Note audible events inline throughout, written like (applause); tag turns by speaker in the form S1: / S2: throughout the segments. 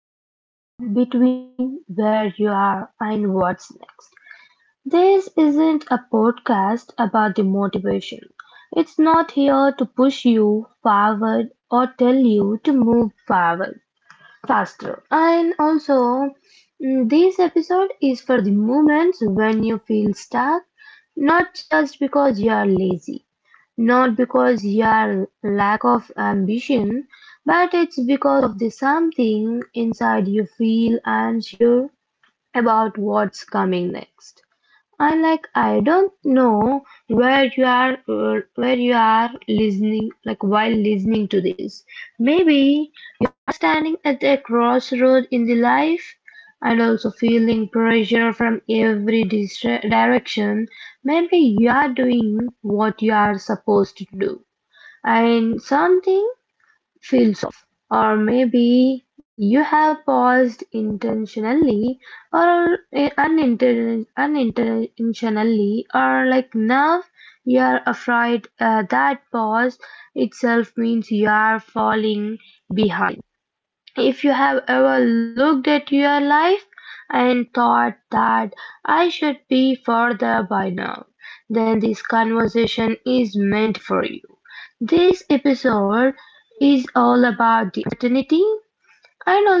S1: welcome back to Between Where You Are and What's Next. This isn't a podcast about the motivation. It's not here to push you forward or tell you to move forward faster. And also, this episode is for the moments when you feel stuck, not just because you are lazy, not because you are lack of ambition, but it's because of the something inside you feel unsure about what's coming next. And like I don't know where you are listening like while listening to this. Maybe standing at a crossroad in the life, and also feeling pressure from every direction, maybe you are doing what you are supposed to do, and something feels off. Or maybe you have paused intentionally or unintentionally, or like now you are afraid that pause itself means you are falling behind. If you have ever looked at your life and thought that I should be further by now, then this conversation is meant for you. This episode is all about the uncertainty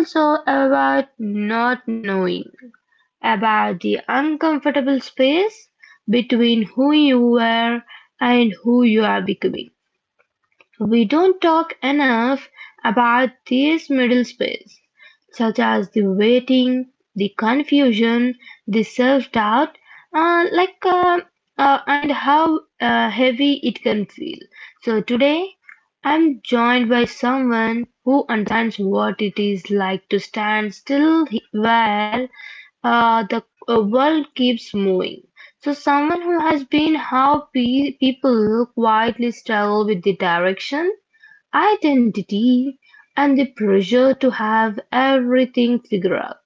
S1: and also about not knowing, about the uncomfortable space between who you were and who you are becoming. We don't talk enough about this middle space, such as the waiting, the confusion, the self-doubt, uh, like uh, and how heavy it can feel. So today, I'm joined by someone who understands what it is like to stand still where the world keeps moving. So someone who has been how people quietly struggle with the direction, identity, and the pressure to have everything figured out.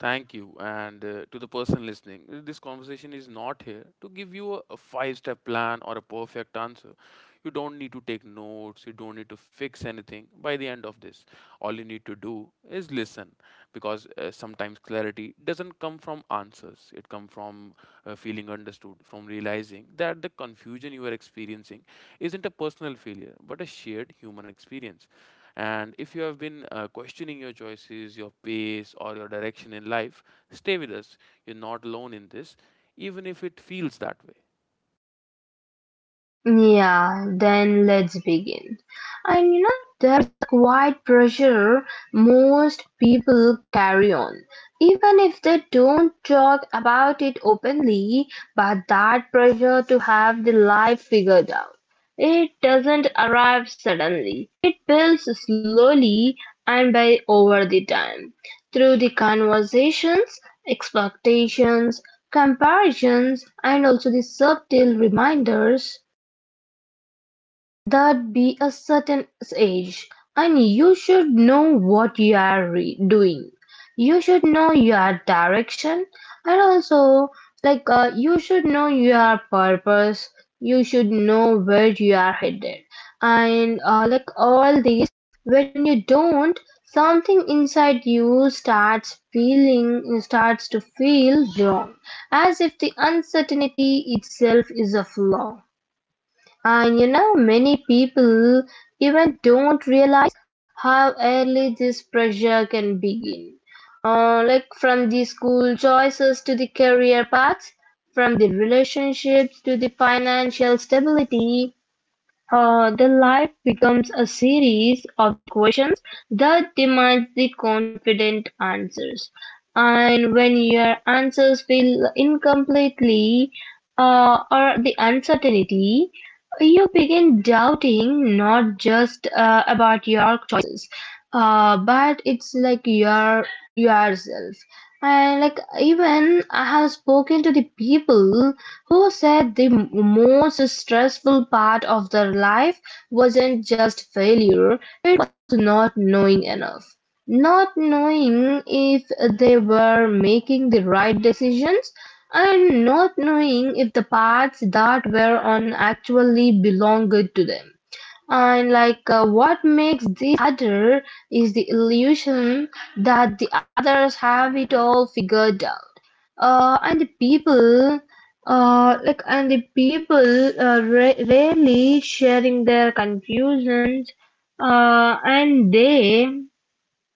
S2: Thank you. And to the person listening, this conversation is not here to give you a five step plan or a perfect answer. You don't need to take notes, you don't need to fix anything by the end of this. All you need to do is listen because sometimes clarity doesn't come from answers, it comes from feeling understood, from realizing that the confusion you are experiencing isn't a personal failure but a shared human experience. And if you have been questioning your choices, your pace, or your direction in life, stay with us. You're not alone in this, even if it feels that way.
S1: Yeah, then let's begin. And you know, quite pressure most people carry on, even if they don't talk about it openly, but that pressure to have the life figured out. It doesn't arrive suddenly. It builds slowly and by over the time, through the conversations, expectations, comparisons, and also the subtle reminders that be a certain age, and you should know what you're doing. You should know your direction, and also you should know your purpose. You should know where you are headed, and like all these. When you don't, something inside you starts to feel wrong, as if the uncertainty itself is a flaw. And you know, many people even don't realize how early this pressure can begin. Like from the school choices to the career paths, from the relationships to the financial stability, the life becomes a series of questions that demands the confident answers, and when your answers feel incompletely or the uncertainty, you begin doubting not just about your choices but it's like your yourself. And like even I have spoken to the people who said the most stressful part of their life wasn't just failure, it was not knowing enough, not knowing if they were making the right decisions, and not knowing if the paths that were on actually belonged to them. And what makes this harder is the illusion that the others have it all figured out. Uh, and the people, and the people rarely sharing their confusions, and they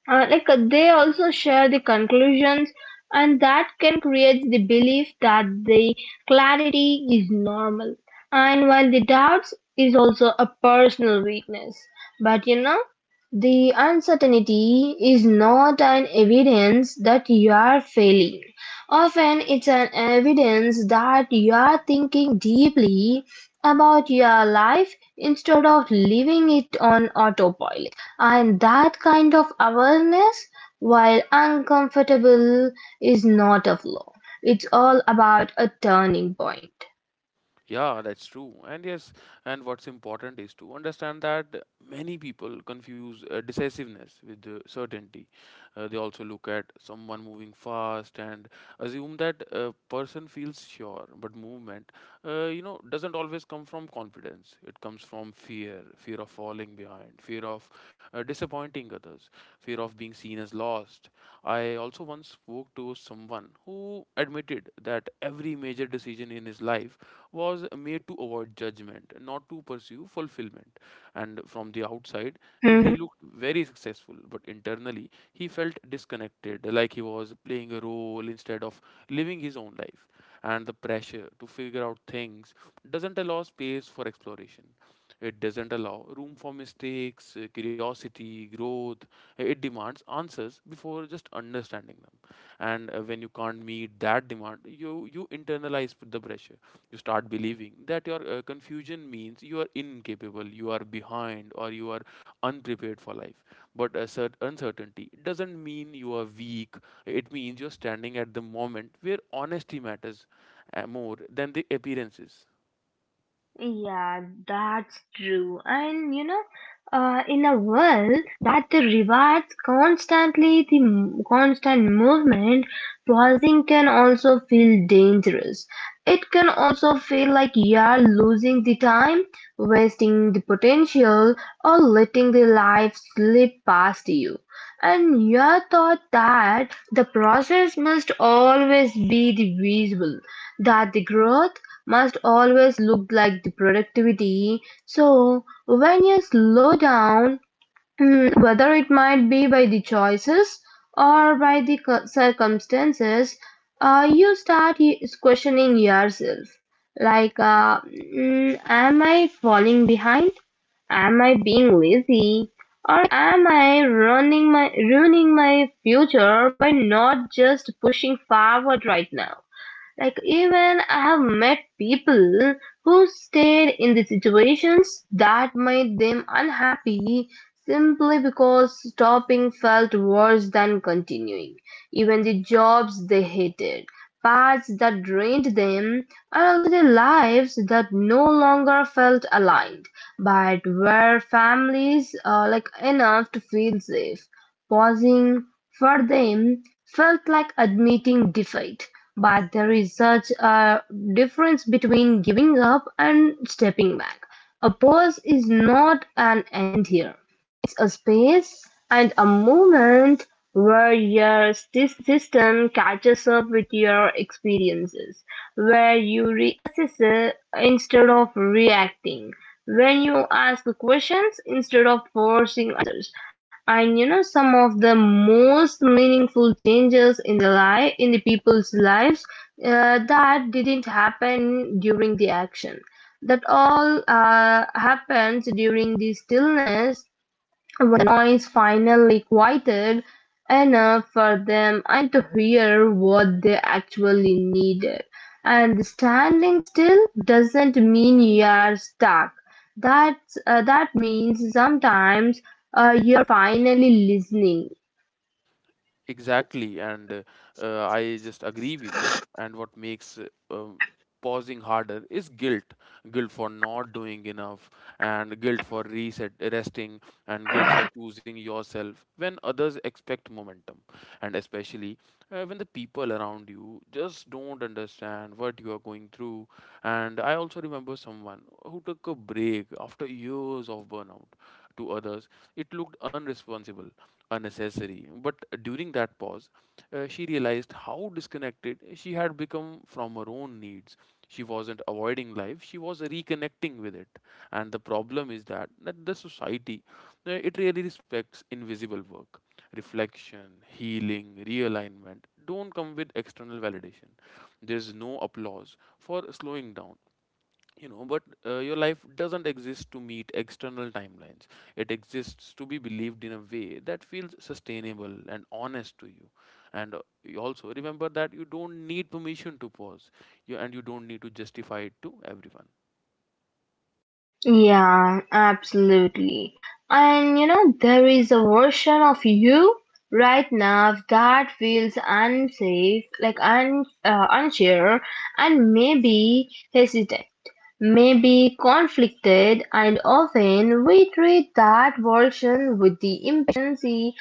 S1: like they also share the conclusions, and that can create the belief that the clarity is normal and while the doubts is also a personal weakness. But you know, the uncertainty is not an evidence that you are failing. Often it's an evidence that you are thinking deeply about your life instead of living it on autopilot, and that kind of awareness, while uncomfortable, is not a flaw. It's all about a turning point.
S2: Yeah, that's true. And yes, and what's important is to understand that many people confuse decisiveness with certainty. They also look at someone moving fast and assume that a person feels sure, but movement, doesn't always come from confidence. It comes from fear, fear of falling behind, fear of disappointing others, fear of being seen as lost. I also once spoke to someone who admitted that every major decision in his life was made to avoid judgment, not to pursue fulfillment. And from the outside, he
S1: Mhm.
S2: looked very successful, but internally, he felt disconnected, like he was playing a role instead of living his own life, and the pressure to figure out things doesn't allow space for exploration. It doesn't allow room for mistakes, curiosity, growth. It demands answers before just understanding them. And when you can't meet that demand, you internalize the pressure. You start believing that your confusion means you are incapable, you are behind, or you are unprepared for life. But uncertainty doesn't mean you are weak, it means you're standing at the moment where honesty matters more than the appearances.
S1: Yeah, that's true. And you know, in a world at the rewards, constantly river's constant movement, pausing can also feel dangerous. It can also feel like you're losing the time, wasting the potential, or letting the life slip past you. And you thought that the process must always be the visual, that the growth must always look like the productivity. So when you slow down, hmm, whether it might be by the choices or by the circumstances, you start questioning yourself. Like, am I falling behind? Am I being lazy? Or am I ruining my future by not just pushing forward right now? Like even I have met people who stayed in the situations that made them unhappy simply because stopping felt worse than continuing. Even the jobs they hated, paths that drained them, and also the lives that no longer felt aligned, but were families like enough to feel safe. Pausing for them felt like admitting defeat. But there is such a difference between giving up and stepping back. A pause is not an end here, it's a space and a moment where your system catches up with your experiences, where you reassess it instead of reacting, when you ask questions instead of forcing. And you know, some of the most meaningful changes in the life in the people's lives that didn't happen during the action, that all happens during the stillness is finally quieted enough for them and to hear what they actually needed. And standing still doesn't mean you're stuck. That means sometimes you're finally listening.
S2: Exactly, and I just agree with you. And what makes um, pausing harder is guilt, guilt for not doing enough, and guilt for reset resting, and guilt for choosing yourself when others expect momentum, and especially when the people around you just don't understand what you are going through. And I also remember someone who took a break after years of burnout. To others, it looked unresponsible a necessity. But during that pause, she realized how disconnected she had become from her own needs. She wasn't avoiding life, she was reconnecting with it. And the problem is that the society, it really respects invisible work. Reflection, healing, realignment don't come with external validation. There's no applause for slowing down. You know, but your life doesn't exist to meet external timelines, it exists to be believed in a way that feels sustainable and honest to you. And you also remember that you don't need permission to pause, and you don't need to justify it to everyone.
S1: Yeah, absolutely. And you know, there is a version of you right now that feels unsafe, like unsure, and maybe hesitant, maybe conflicted, and often we treat that version with the impatience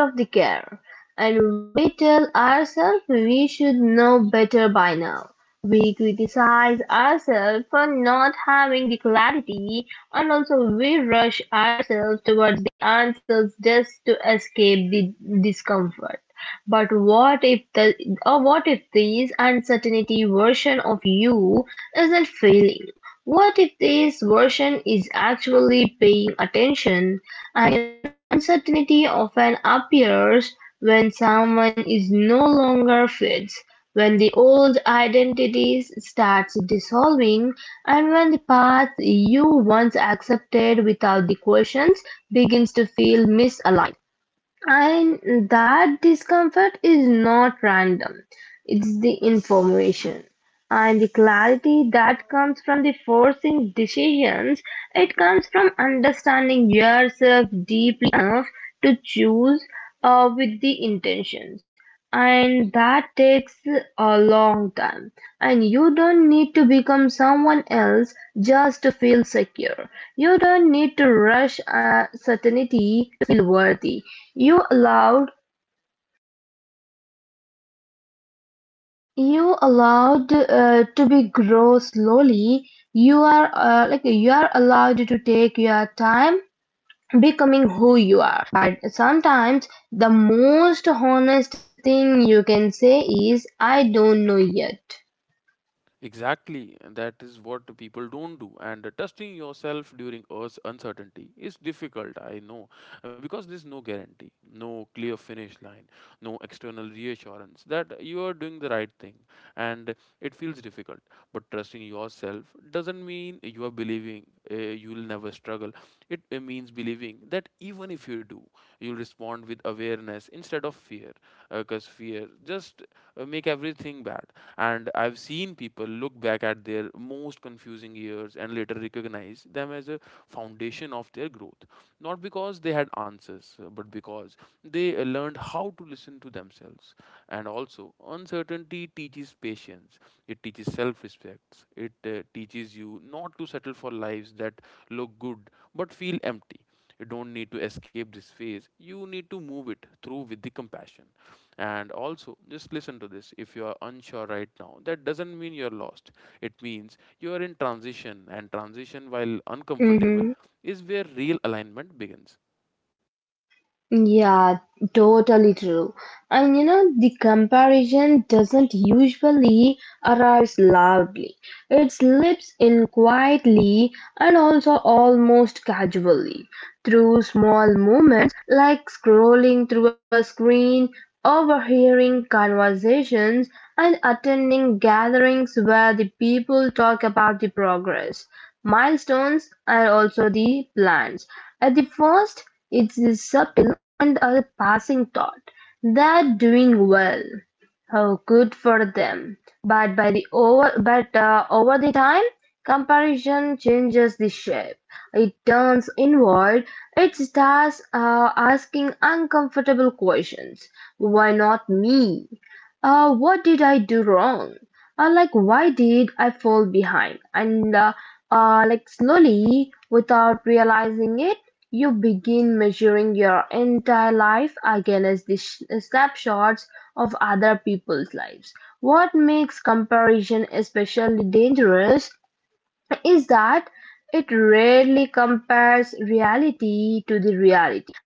S1: instead of the care. And we tell ourselves we should know better by now. We criticize ourselves for not having the clarity, and also we rush ourselves towards the answers just to escape the discomfort. But what if the or what if this uncertainty version of you isn't failing? What if this version is actually paying attention? Uncertainty often appears when someone is no longer fits, when the old identities starts dissolving, and when the path you once accepted without the questions begins to feel misaligned. And that discomfort is not random, it's the information. And the clarity that comes from the forcing decisions, it comes from understanding yourself deeply enough to choose with the intentions, and that takes a long time. And you don't need to become someone else just to feel secure. You don't need to rush certainty and worthy. You allowed you allowed uh, to be grow slowly. You are allowed to take your time becoming who you are. But sometimes the most honest thing you can say is, I don't know yet.
S2: Exactly, and that is what people don't do. And trusting yourself during us uncertainty is difficult, I know, because there's no guarantee, no clear finish line, no external reassurance that you are doing the right thing, and it feels difficult. But trusting yourself doesn't mean you are believing you'll never struggle. It means believing that even if you do, you'll respond with awareness instead of fear, because fear just make everything bad. And I've seen people look back at their most confusing years and later recognize them as a foundation of their growth, not because they had answers, but because they learned how to listen to themselves. And also, uncertainty teaches patience, it teaches self respect, it teaches you not to settle for lives that look good but feel empty. You don't need to escape this phase, you need to move it through with the compassion. And also, just listen to this, if you are unsure right now, that doesn't mean you're lost. It means you are in transition, and transition, while uncomfortable,
S1: Mm-hmm.
S2: is where real alignment begins.
S1: Yeah, totally true. And you know, the comparison doesn't usually arise loudly. It slips in quietly and also almost casually through small moments, like scrolling through a screen, overhearing conversations, and attending gatherings where the people talk about the progress, milestones, and also the plans. At the first, it's the subtle and a passing thought: they're doing well, oh, good for them, but by the over but over the time, comparison changes the shape. It turns inward. It starts asking uncomfortable questions. Why not me? What did I do wrong? Why did I fall behind? Slowly, without realizing it, you begin measuring your entire life against the snapshots of other people's lives. What makes comparison especially dangerous is that it rarely compares reality to the reality,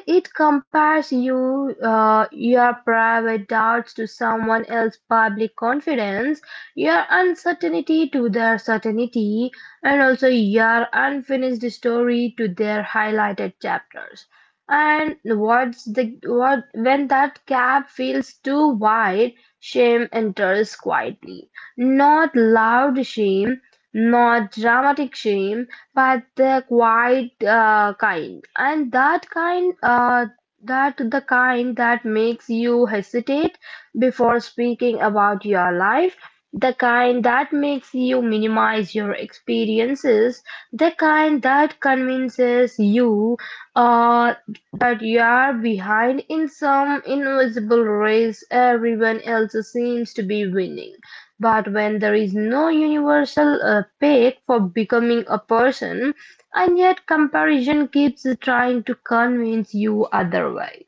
S1: and it compares your private doubts to someone else's public confidence, your uncertainty to their certainty, and also your unfinished story to their highlighted chapters. And what's the what when that gap feels too wide, shame enters quietly, not loud shame, not dramatic shame, but the quiet kind, and that kind, that the kind that makes you hesitate before speaking about your life, the kind that makes you minimize your experiences, the kind that convinces you, uh, but you're behind in some invisible race everyone else seems to be winning. But when there is no universal peg for becoming a person, and yet comparison keeps trying to convince you otherwise.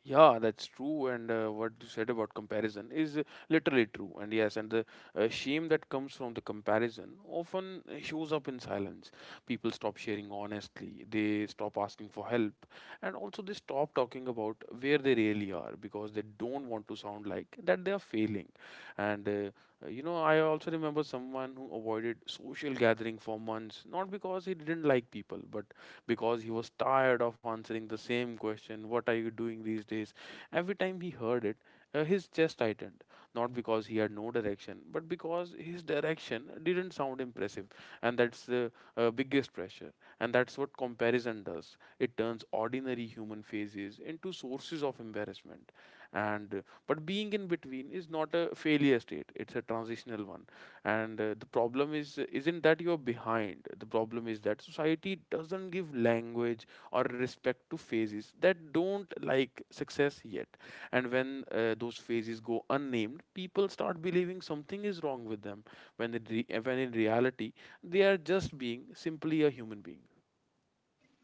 S2: Yeah, that's true. And what you said about comparison is literally true. And yes, and the shame that comes from the comparison often shows up in silence. People stop sharing honestly, they stop asking for help, and also they stop talking about where they really are because they don't want to sound like that they are failing. And you know, I also remember someone who avoided social gathering for months, not because he didn't like people, but because he was tired of answering the same question: what are you doing these days? Every time he heard it, his chest tightened, not because he had no direction, but because his direction didn't sound impressive. And that's the biggest pressure. And that's what comparison does, it turns ordinary human faces into sources of embarrassment. And but being in between is not a failure state, it's a transitional one. And the problem is isn't that you're behind, the problem is that society doesn't give language or respect to phases that don't like success yet. And when those phases go unnamed, people start believing something is wrong with them, when in reality they are just being simply a human being.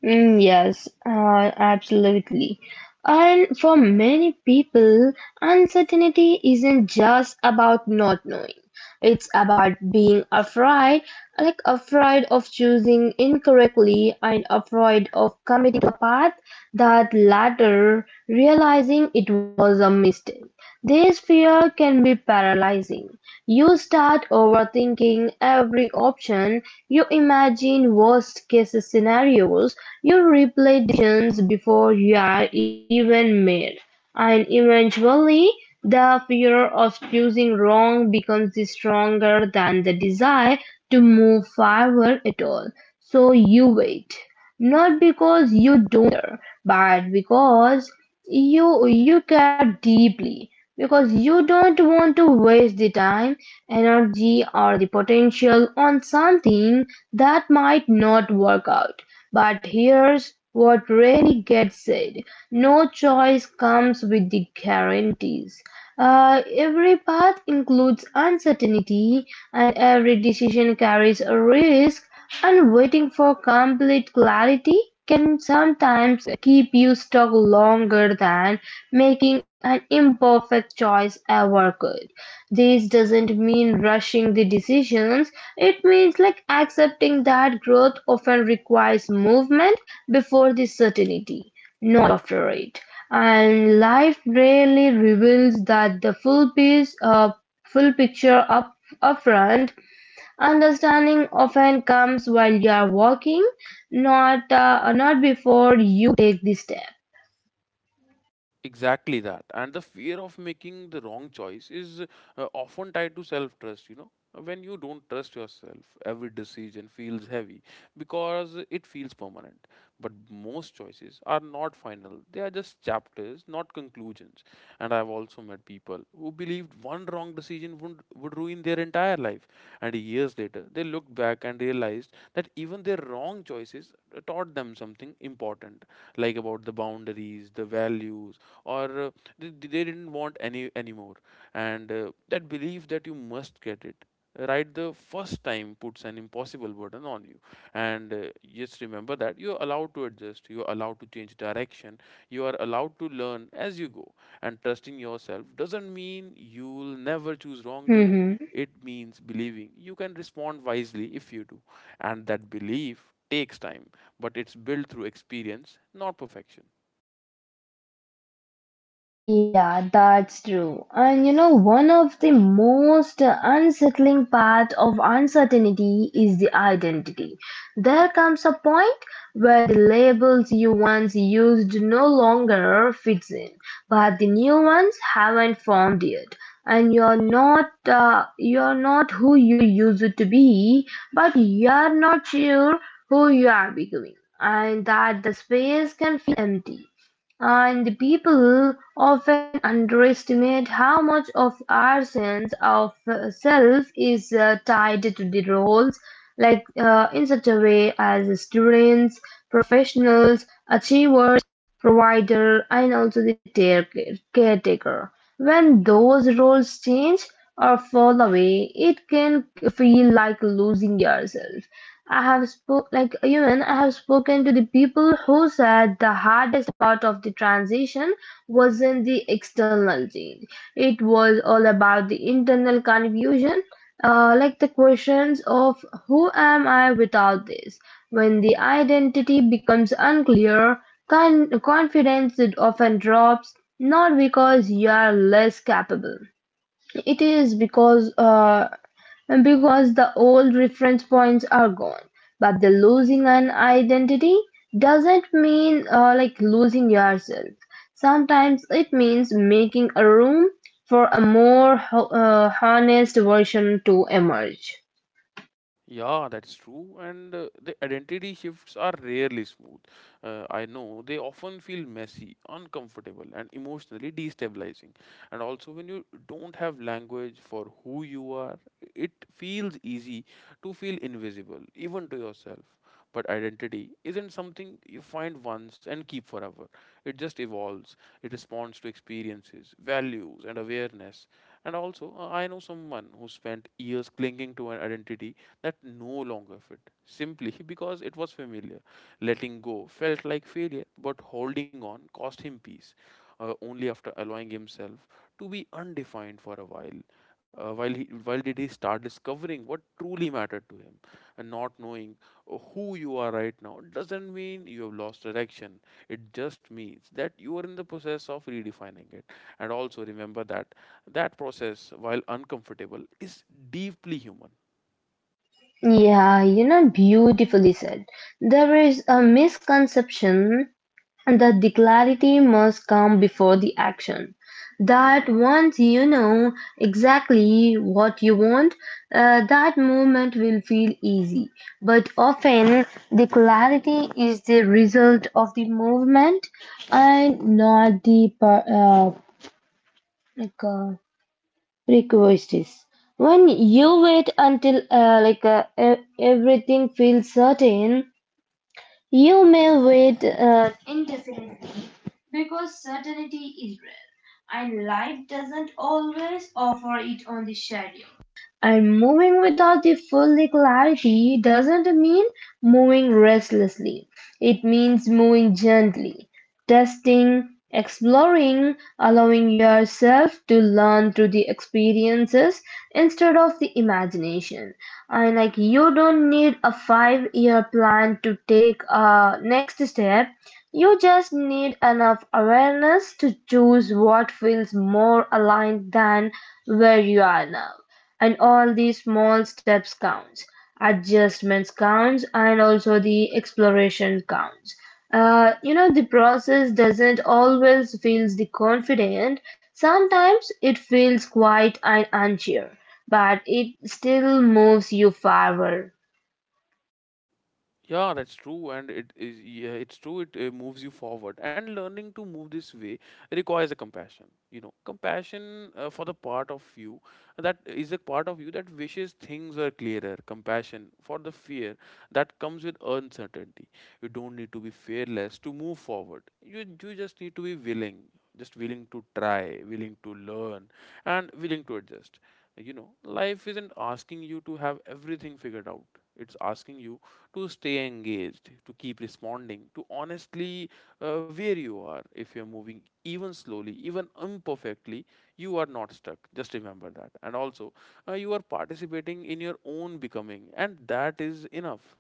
S1: Yes, absolutely. And for many people, uncertainty isn't just about not knowing. It's about being afraid, like afraid of choosing incorrectly and afraid of committing to a path that later realizing it was a mistake. This fear can be paralyzing. You start overthinking every option, you imagine worst-case scenarios, you replay decisions before you are even made, and eventually the fear of choosing wrong becomes stronger than the desire to move forward at all. So you wait, not because you don't care, but because you care deeply, because you don't want to waste the time, energy, or the potential on something that might not work out. But here's what really gets said: no choice comes with the guarantees. Every path includes uncertainty, and every decision carries a risk, and waiting for complete clarity can sometimes keep you stuck longer than making an imperfect choice ever could. This doesn't mean rushing the decisions, it means like accepting that growth often requires movement before the certainty, not after it. And life rarely reveals that the full piece, full picture up upfront. Understanding often comes while you are walking, not before you take the step.
S2: Exactly that. And the fear of making the wrong choice is often tied to self trust, you know. When you don't trust yourself, every decision feels heavy because it feels permanent. But most choices are not final, they are just chapters, not conclusions. And I've also met people who believed one wrong decision would ruin their entire life. And years later, they looked back and realized that even their wrong choices taught them something important, like about the boundaries, the values, or they didn't want anymore. And that belief that you must get it right the first time puts an impossible burden on you. And just remember that you're allowed to adjust, you're allowed to change direction, you are allowed to learn as you go, and trusting yourself doesn't mean you'll never choose wrongly,
S1: (laughs)
S2: it means believing you can respond wisely if you do. And that belief takes time, but it's built through experience, not perfection.
S1: Yeah, that's true. And you know, one of the most unsettling part of uncertainty is the identity. There comes a point where the labels you once used no longer fits in, but the new ones haven't formed yet. And you're not who you used to be, but you're not sure who you are becoming, and that the space can feel empty. And people often underestimate how much of our sense of self is tied to the roles, like in such a way as students, professionals, achievers, provider, and also the caretaker. When those roles change or fall away, it can feel like losing yourself. I have spoken to the people who said the hard part of the transition wasn't the external change. It was all about the internal confusion, like the questions of who am I without this? When the identity becomes unclear, confidence often drops, not because you are less capable. It is because and Because the old reference points are gone, but the losing an identity doesn't mean like losing yourself. Sometimes it means making a room for a more honest version to emerge.
S2: Yeah, that's true. And the identity shifts are rarely smooth. I know, they often feel messy, uncomfortable, and emotionally destabilizing. And also, when you don't have language for who you are, it feels easy to feel invisible, even to yourself. But identity isn't something you find once and keep forever. It just evolves. It responds to experiences, values, and awareness. And also, I know someone who spent years clinging to an identity that no longer fit, simply (laughs) because it was familiar. Letting go felt like failure, but holding on cost him peace. Only after allowing himself to be undefined for a while he while did he start discovering what truly mattered to him. And not knowing who you are right now doesn't mean you have lost direction. It just means that you are in the process of redefining it. And also remember that process, while uncomfortable, is deeply human.
S1: Yeah, you know, beautifully said. There is a misconception and that the clarity must come before the action. That once you know exactly what you want, that movement will feel easy. But often, the clarity is the result of the movement and not the like, uh, prerequisites. When you wait until everything feels certain, you may wait indefinitely because certainty is rare, and life doesn't always offer it on the schedule. And moving without the full clarity doesn't mean moving restlessly. It means moving gently, testing, exploring, allowing yourself to learn through the experiences instead of the imagination. And like you don't need a 5-year plan to take a next step. You just need enough awareness to choose what feels more aligned than where you are now, and all these small steps counts, adjustments counts, and also the exploration counts. You know, the process doesn't always feels the confident. Sometimes it feels quiet and unsure, but it still moves you forward.
S2: Yeah, that's true, and it is. Yeah, it's true. It moves you forward, and learning to move this way requires a compassion. You know, compassion for the part of you that is a part of you that wishes things were clearer. Compassion for the fear that comes with uncertainty. You don't need to be fearless to move forward. You just need to be willing, just willing to try, willing to learn, and willing to adjust. You know, life isn't asking you to have everything figured out. It's asking you to stay engaged, to keep responding, to honestly where you are. If you're moving even slowly, even imperfectly, you are not stuck. Just remember that. And also, you are participating in your own becoming, and that is enough.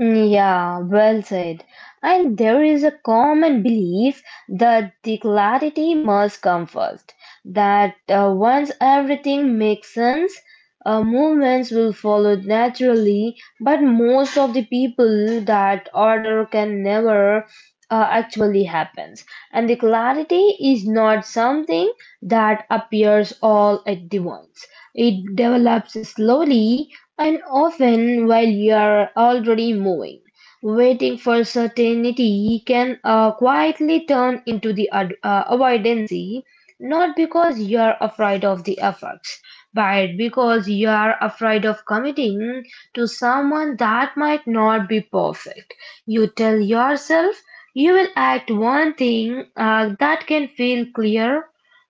S1: Yeah, well said. And there is a common belief that the clarity must come first, that once everything makes sense, movements will follow naturally, but most of the people that order can never actually happens. And the clarity is not something that appears all at the once. It develops slowly and often while you are already moving. Waiting for certainty can quietly turn into the avoidancy, not because you are afraid of the effects, but because you are afraid of committing to someone that might not be perfect. You tell yourself you will act one thing that can feel clear,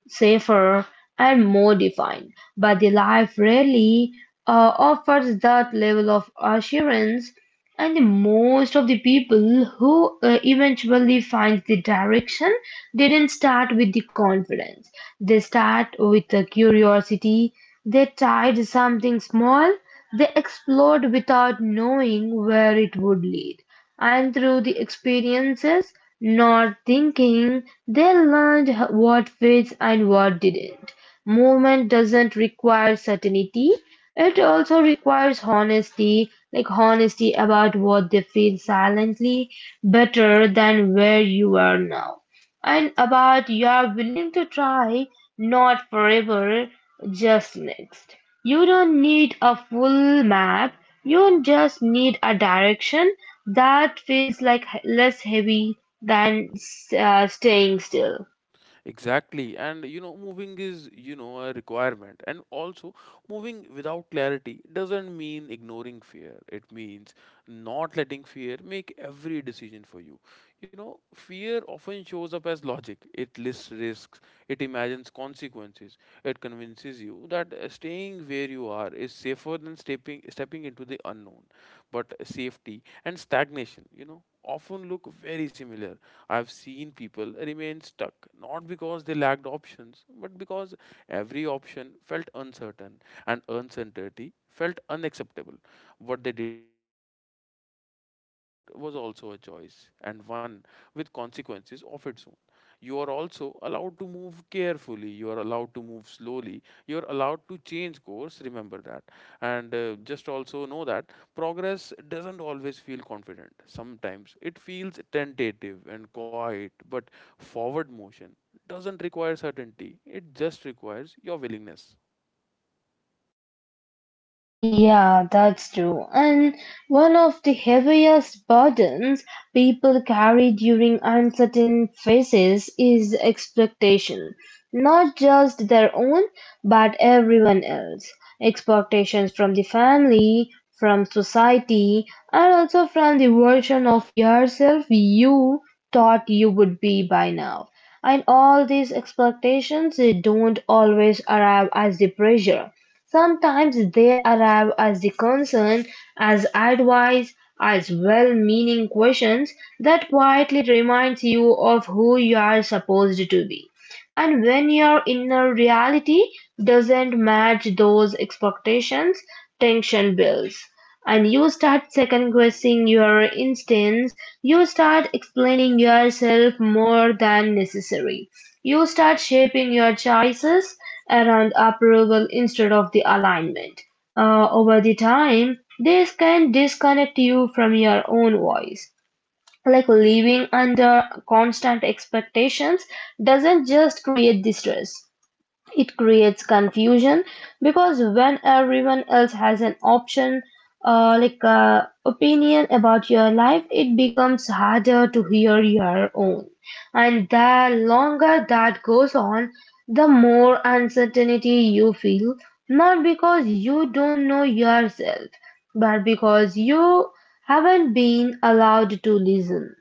S1: safer, and more defined, but the life rarely offers that level of assurance, and the most of the people who eventually find the direction didn't start with the confidence. They start with the curiosity. They tried something small. They explored without knowing where it would lead. And through the experiences, not thinking, they learned what fits and what didn't. Movement doesn't require certainty, it also requires honesty, like honesty about what they feel silently better than where you are now, and about you are willing to try, not forever, just next. You don't need a full map, you just need a direction that feels like less heavy than staying still.
S2: Exactly. And you know, moving is, you know, a requirement. And also, moving without clarity doesn't mean ignoring fear. It means not letting fear make every decision for you. You know, fear often shows up as logic. It lists risks, it imagines consequences, it convinces you that staying where you are is safer than stepping into the unknown. But safety and stagnation, you know, often look very similar. I've seen people remain stuck not because they lacked options, but because every option felt uncertain and uncertainty felt unacceptable. What they didn't realize was that staying put was also a choice, and one with consequences of its own. You are also allowed to move carefully, you are allowed to move slowly, you are allowed to change course, remember that. And just also know that progress doesn't always feel confident. Sometimes it feels tentative and quiet, but forward motion doesn't require certainty. It just requires your willingness.
S1: Yeah, that's true. And one of the heaviest burdens people carry during uncertain phases is expectation. Not just their own, but everyone else. Expectations from the family, from society, and also from the version of yourself you thought you would be by now. And all these expectations they don't always arrive as the pressure. Sometimes they arrive as a concern, as advice, as well-meaning questions that quietly reminds you of who you are supposed to be. And when your inner reality doesn't match those expectations, tension builds. And you start second guessing your instincts. You start explaining yourself more than necessary. You start shaping your choices around approval instead of the alignment. Over the time, this can disconnect you from your own voice, like living under constant expectations doesn't just create distress, it creates confusion, because when everyone else has an option, opinion about your life, it becomes harder to hear your own. And the longer that goes on, the more uncertainty you feel, not because you don't know yourself, but because you haven't been allowed to listen.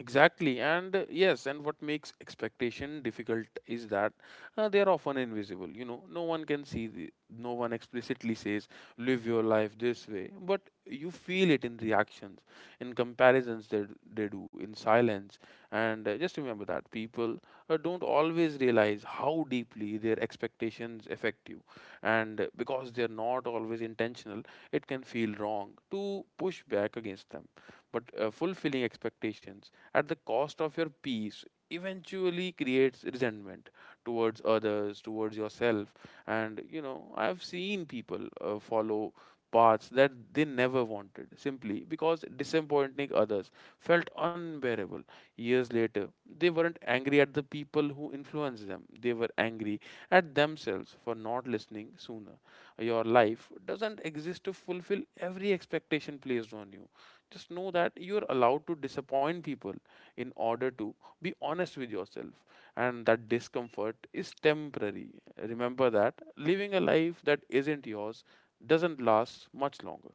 S2: Exactly, and what makes expectation difficult is that they are often invisible. You know, no one can see, no one explicitly says, live your life this way, but you feel it in reactions, in comparisons that they do, in silence. And Just remember that people don't always realize how deeply their expectations affect you, and because they're not always intentional, it can feel wrong to push back against them. But fulfilling expectations at the cost of your peace eventually creates resentment towards others, towards yourself. And you know, I've seen people follow paths that they never wanted simply because disappointing others felt unbearable. Years later, they weren't angry at the people who influenced them, they were angry at themselves for not listening sooner. Your life doesn't exist to fulfill every expectation placed on you. Just know that you're allowed to disappoint people in order to be honest with yourself, and that discomfort is temporary. Remember that living a life that isn't yours doesn't last much longer.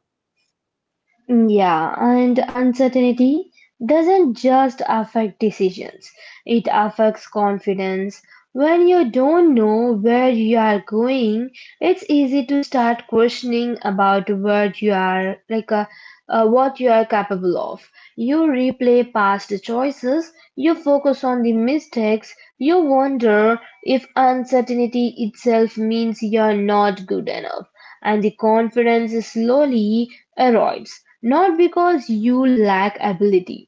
S1: Mm, yeah, and uncertainty doesn't just affect decisions, it affects confidence. When you don't know where you are going, it's easy to start questioning about what you are like what you are capable of. You replay past choices, you focus on the mistakes, you wonder if uncertainty itself means you're not good enough, and the confidence slowly erodes, not because you lack ability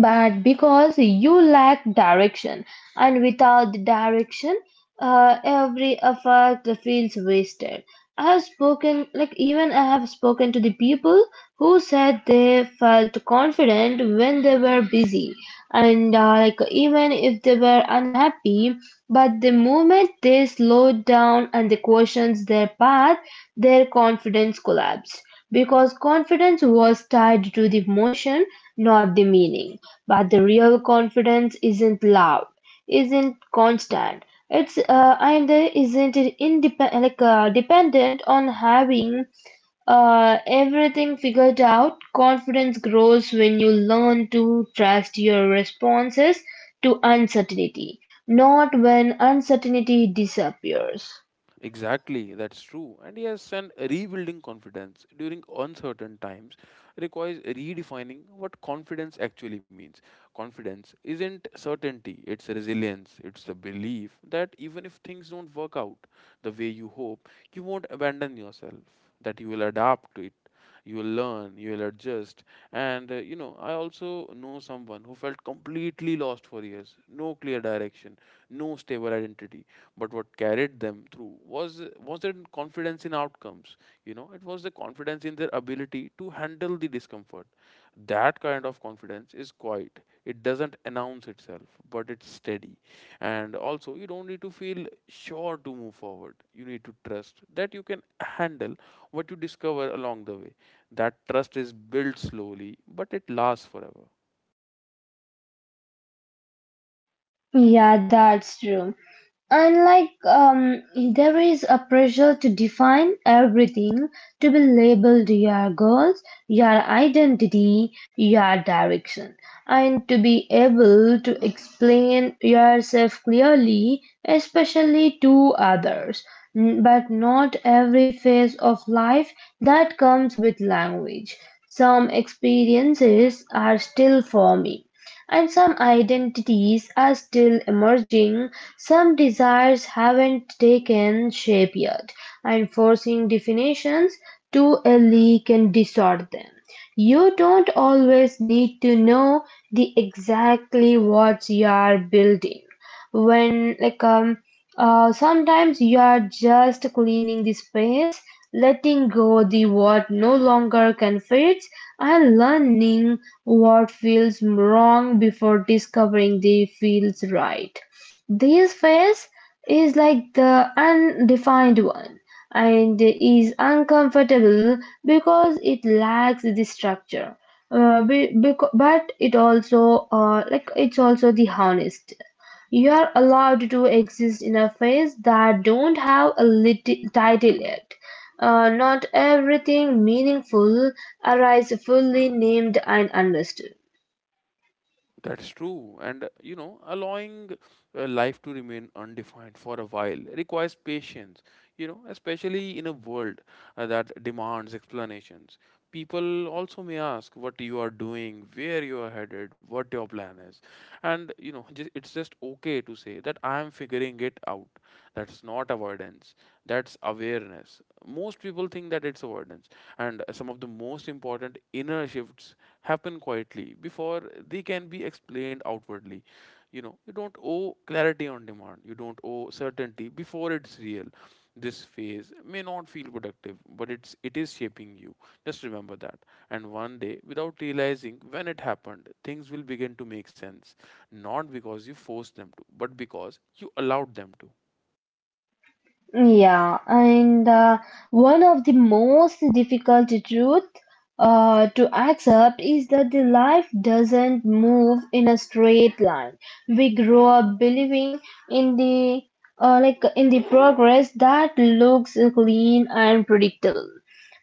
S1: but because you lack direction. And without the direction, every effort feels wasted. I have spoken to the people who said they felt confident when they were busy, and like even if they were unhappy, but the moment they slowed down and they questioned their path, their confidence collapsed, because confidence was tied to the motion, not the meaning. But the real confidence isn't loud, isn't constant. It's and isn't it indep- like dependent on having everything figured out. Confidence grows when you learn to trust your responses to uncertainty, not when uncertainty disappears.
S2: Exactly, that's true. And yes, and rebuilding confidence during uncertain times requires redefining what confidence actually means. Confidence isn't certainty, it's resilience, it's the belief that even if things don't work out the way you hope, you won't abandon yourself, that you will adapt to it. You will learn, you will adjust. And you know, I also know someone who felt completely lost for years, no clear direction, no stable identity, but what carried them through wasn't confidence in outcomes. You know, it was the confidence in their ability to handle the discomfort. That kind of confidence is quiet, it doesn't announce itself, but it's steady. And also, you don't need to feel sure to move forward, you need to trust that you can handle what you discover along the way. That trust is built slowly, but it lasts forever.
S1: Yeah, that's true. Unlike there is a pressure to define everything, to be labeled your goals, your identity, your direction, and to be able to explain yourself clearly, especially to others. But not every phase of life that comes with language. Some experiences are still forming and some identities are still emerging, some desires haven't taken shape yet, and forcing definitions too early can distort them. You don't always need to know the exactly what you are building, when like sometimes you are just cleaning the space, letting go the what no longer can fit, and learning what feels wrong before discovering the feels right. This phase is like the undefined one, and is uncomfortable because it lacks the structure, but it's also the honest. You're allowed to exist in a phase that don't have a title yet. Not everything meaningful arises fully named and understood.
S2: That's true. And you know, allowing life to remain undefined for a while requires patience, you know, especially in a world that demands explanations. People also may ask what you are doing, where you are headed, what your plan is. And, you know, it's just okay to say that I am figuring it out. That's not avoidance, that's awareness. Most people think that it's avoidance. And some of the most important inner shifts happen quietly before they can be explained outwardly. You know, you don't owe clarity on demand, you don't owe certainty before it's real. This phase may not feel productive, but it is shaping you. Just remember that. And one day, without realizing when it happened, things will begin to make sense. Not because you forced them to, but because you allowed them to.
S1: Yeah, and one of the most difficult truth to accept is that the life doesn't move in a straight line. We grow up believing in the in the progress that looks clean and predictable.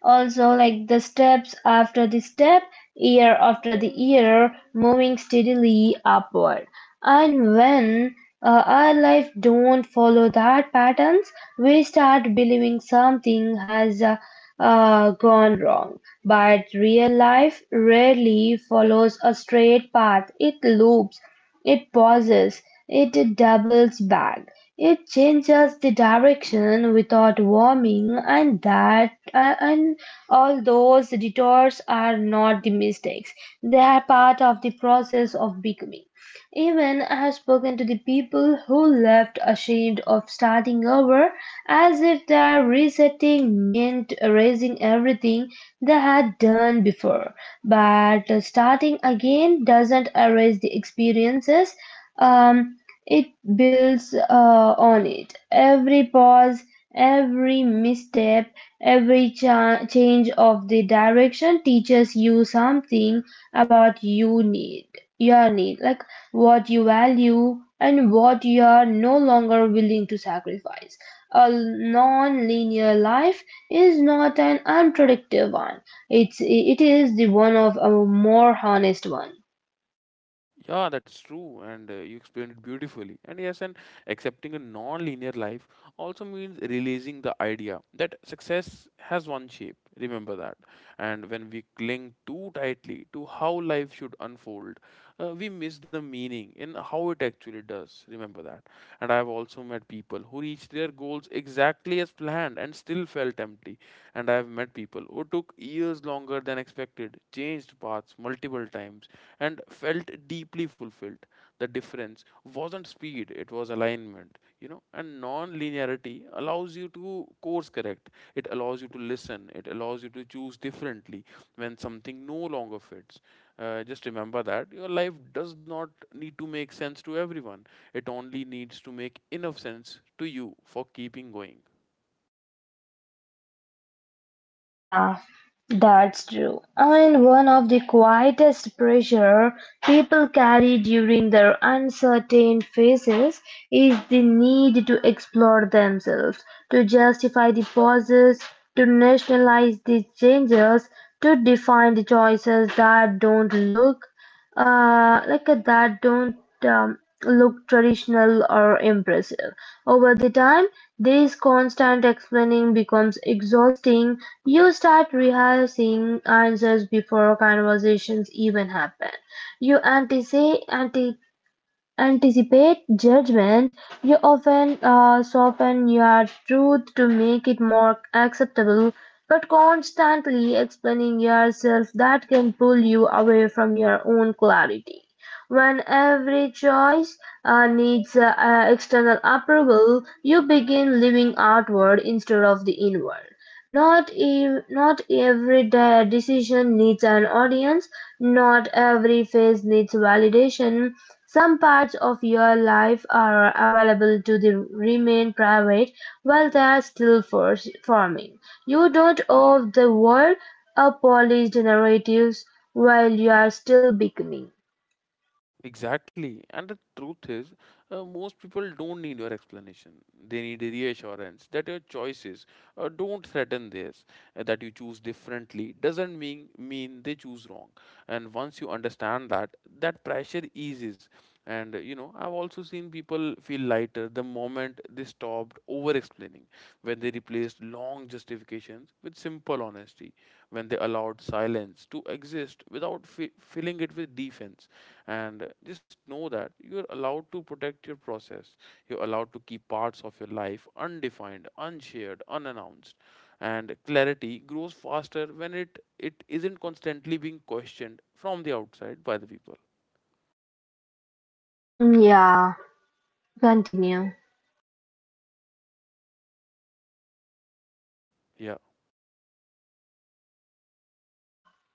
S1: Also, like the steps after the step, year after the year, moving steadily upward. And when our life don't follow that patterns, we start believing something has gone wrong. But real life rarely follows a straight path. It loops, it pauses, it doubles back, it changes the direction without warning, and all those detours are not the mistakes. They are part of the process of becoming. Even I have spoken to the people who left ashamed of starting over, as if their resetting meant erasing everything they had done before. But starting again doesn't erase the experiences, um, it builds on it. Every pause, every misstep, every change of the direction teaches you something about you need your need like what you value and what you are no longer willing to sacrifice. A non linear life is not an unpredictable one, it is the one of a more honest one.
S2: Yeah, that's true, and you explained it beautifully. And yes, and accepting a non-linear life also means releasing the idea that success has one shape. Remember that. And when we cling too tightly to how life should unfold, we miss the meaning in how it actually does. Remember that. And I have also met people who reach their goals exactly as planned and still felt empty. And I have met people who took years longer than expected, changed paths multiple times, and felt deeply fulfilled. The difference wasn't speed, it was alignment, you know. And non linearity allows you to course correct, it allows you to listen, it allows you to choose differently when something no longer fits. Just remember that your life does not need to make sense to everyone. It only needs to make enough sense to you for keeping going.
S1: Yeah, that's true. And one of the quietest pressure people carry during their uncertain phases is the need to explore themselves, to justify the pauses, to nationalize the changes, to define the choices that don't look like that don't look traditional or impressive. Over the time, this constant explaining becomes exhausting. You start rehearsing answers before conversations even happen. You anticipate judgment, you often soften your truth to make it more acceptable, but constantly explaining yourself that can pull you away from your own clarity. When every choice needs external approval, you begin living outward instead of the inward. Not every decision needs an audience, not every phase needs validation. Some parts of your life are available to the remain private while they are still forming. You don't owe the world a polished narratives while you are still becoming.
S2: Exactly. And the truth is, most people don't need your explanation. They need reassurance that your choices don't threaten theirs, that you choose differently doesn't mean they choose wrong. And once you understand that, that pressure eases. And you know, I've also seen people feel lighter the moment they stopped over explaining, when they replaced long justifications with simple honesty, when they allowed silence to exist without filling it with defense. And just know that you're allowed to protect your process, you're allowed to keep parts of your life undefined, unshared, unannounced. And clarity grows faster when it isn't constantly being questioned from the outside by the people.
S1: Yeah, continue.
S2: Yeah.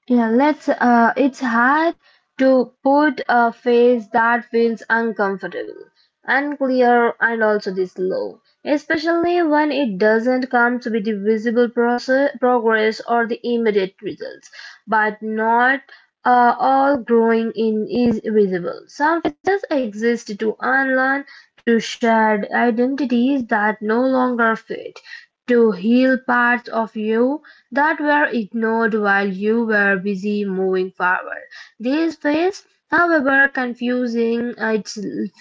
S1: Yeah, let's. It's hard to put a face that feels uncomfortable, unclear, and also this low, especially when it doesn't come to be the visible progress or the immediate results. But not all growing in is visible. Some faces exist to unlearn, to shed identities that no longer fit, to heal parts of you that were ignored while you were busy moving forward. This phase, however confusing it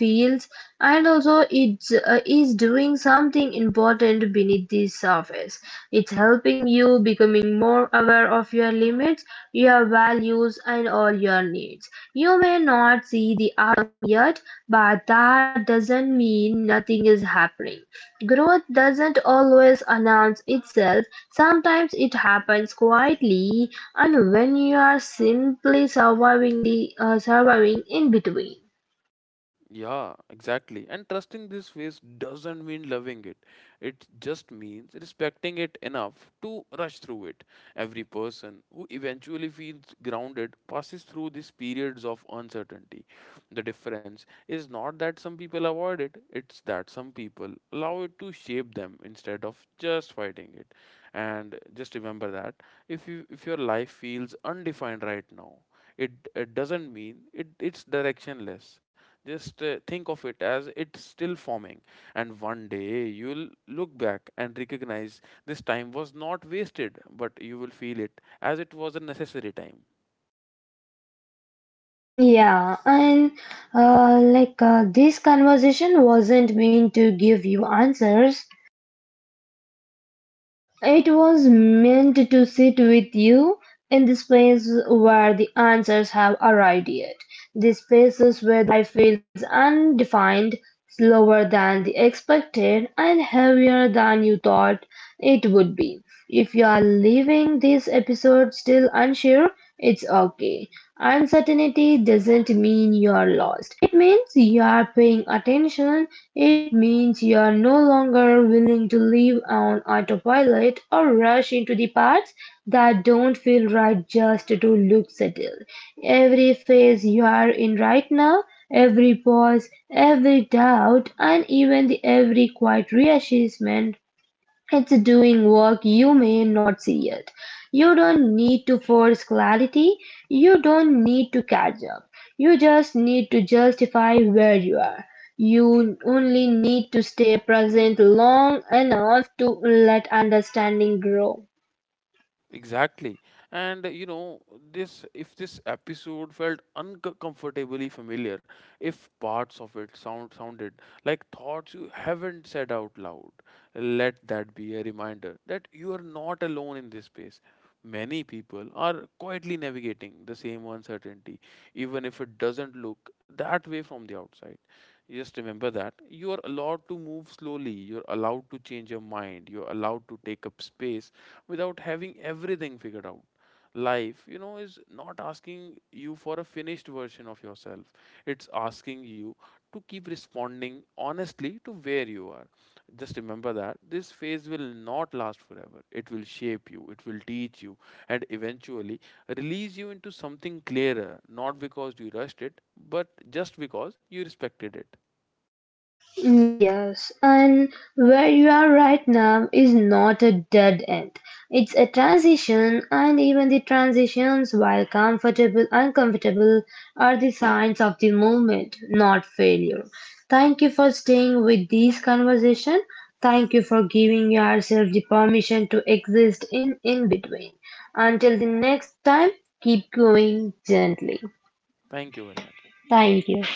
S1: feels, and also it is doing something important beneath the surface. It's helping you becoming more aware of your limits, your values, and all your needs. You may not see the yet, but that doesn't mean nothing is happening. Growth doesn't always announce itself. Sometimes it happens quietly, and when you are simply surviving in between.
S2: Yeah, exactly. And trusting this phase doesn't mean loving it. It just means respecting it enough to rush through it. Every person who eventually feels grounded passes through these periods of uncertainty. The difference is not that some people avoid it, it's that some people allow it to shape them instead of just fighting it. And just remember that if your life feels undefined right now, it doesn't mean it's directionless. Just think of it as it's still forming, and one day you'll look back and recognize this time was not wasted, but you will feel it as it was a necessary time.
S1: Yeah, and this conversation wasn't meant to give you answers. It was meant to sit with you in the space where the answers have arrived yet, the spaces where the life feels undefined, slower than the expected, and heavier than you thought it would be. If you are leaving this episode still unsure, it's okay. Uncertainty doesn't mean you're lost. It means you are paying attention. It means you're no longer willing to live on autopilot or rush into the parts that don't feel right just to look settled. Every phase you are in right now, every pause, every doubt, and even the every quiet reassessment, it's doing work you may not see yet. You don't need to force clarity. You don't need to catch up. You just need to justify where you are. You only need to stay present long enough to let understanding grow.
S2: Exactly. And you know, this if this episode felt uncomfortably familiar, if parts of it sounded like thoughts you haven't said out loud, let that be a reminder that you are not alone in this space. Many people are quietly navigating the same uncertainty even if it doesn't look that way from the outside. Just remember that you are allowed to move slowly, you're allowed to change your mind, you're allowed to take up space without having everything figured out. Life, you know, is not asking you for a finished version of yourself, it's asking you to keep responding honestly to where you are. Just remember that this phase will not last forever. It will shape you, it will teach you, and eventually release you into something clearer, not because you rushed it, but just because you respected it.
S1: Yes, and where you are right now is not a dead end. It's a transition, and even the transitions, while comfortable, uncomfortable, are the signs of the movement, not failure. Thank you for staying with this conversation. Thank you for giving yourself the permission to exist in between. Until the next time, keep going gently.
S2: Thank you very much.
S1: Thank you.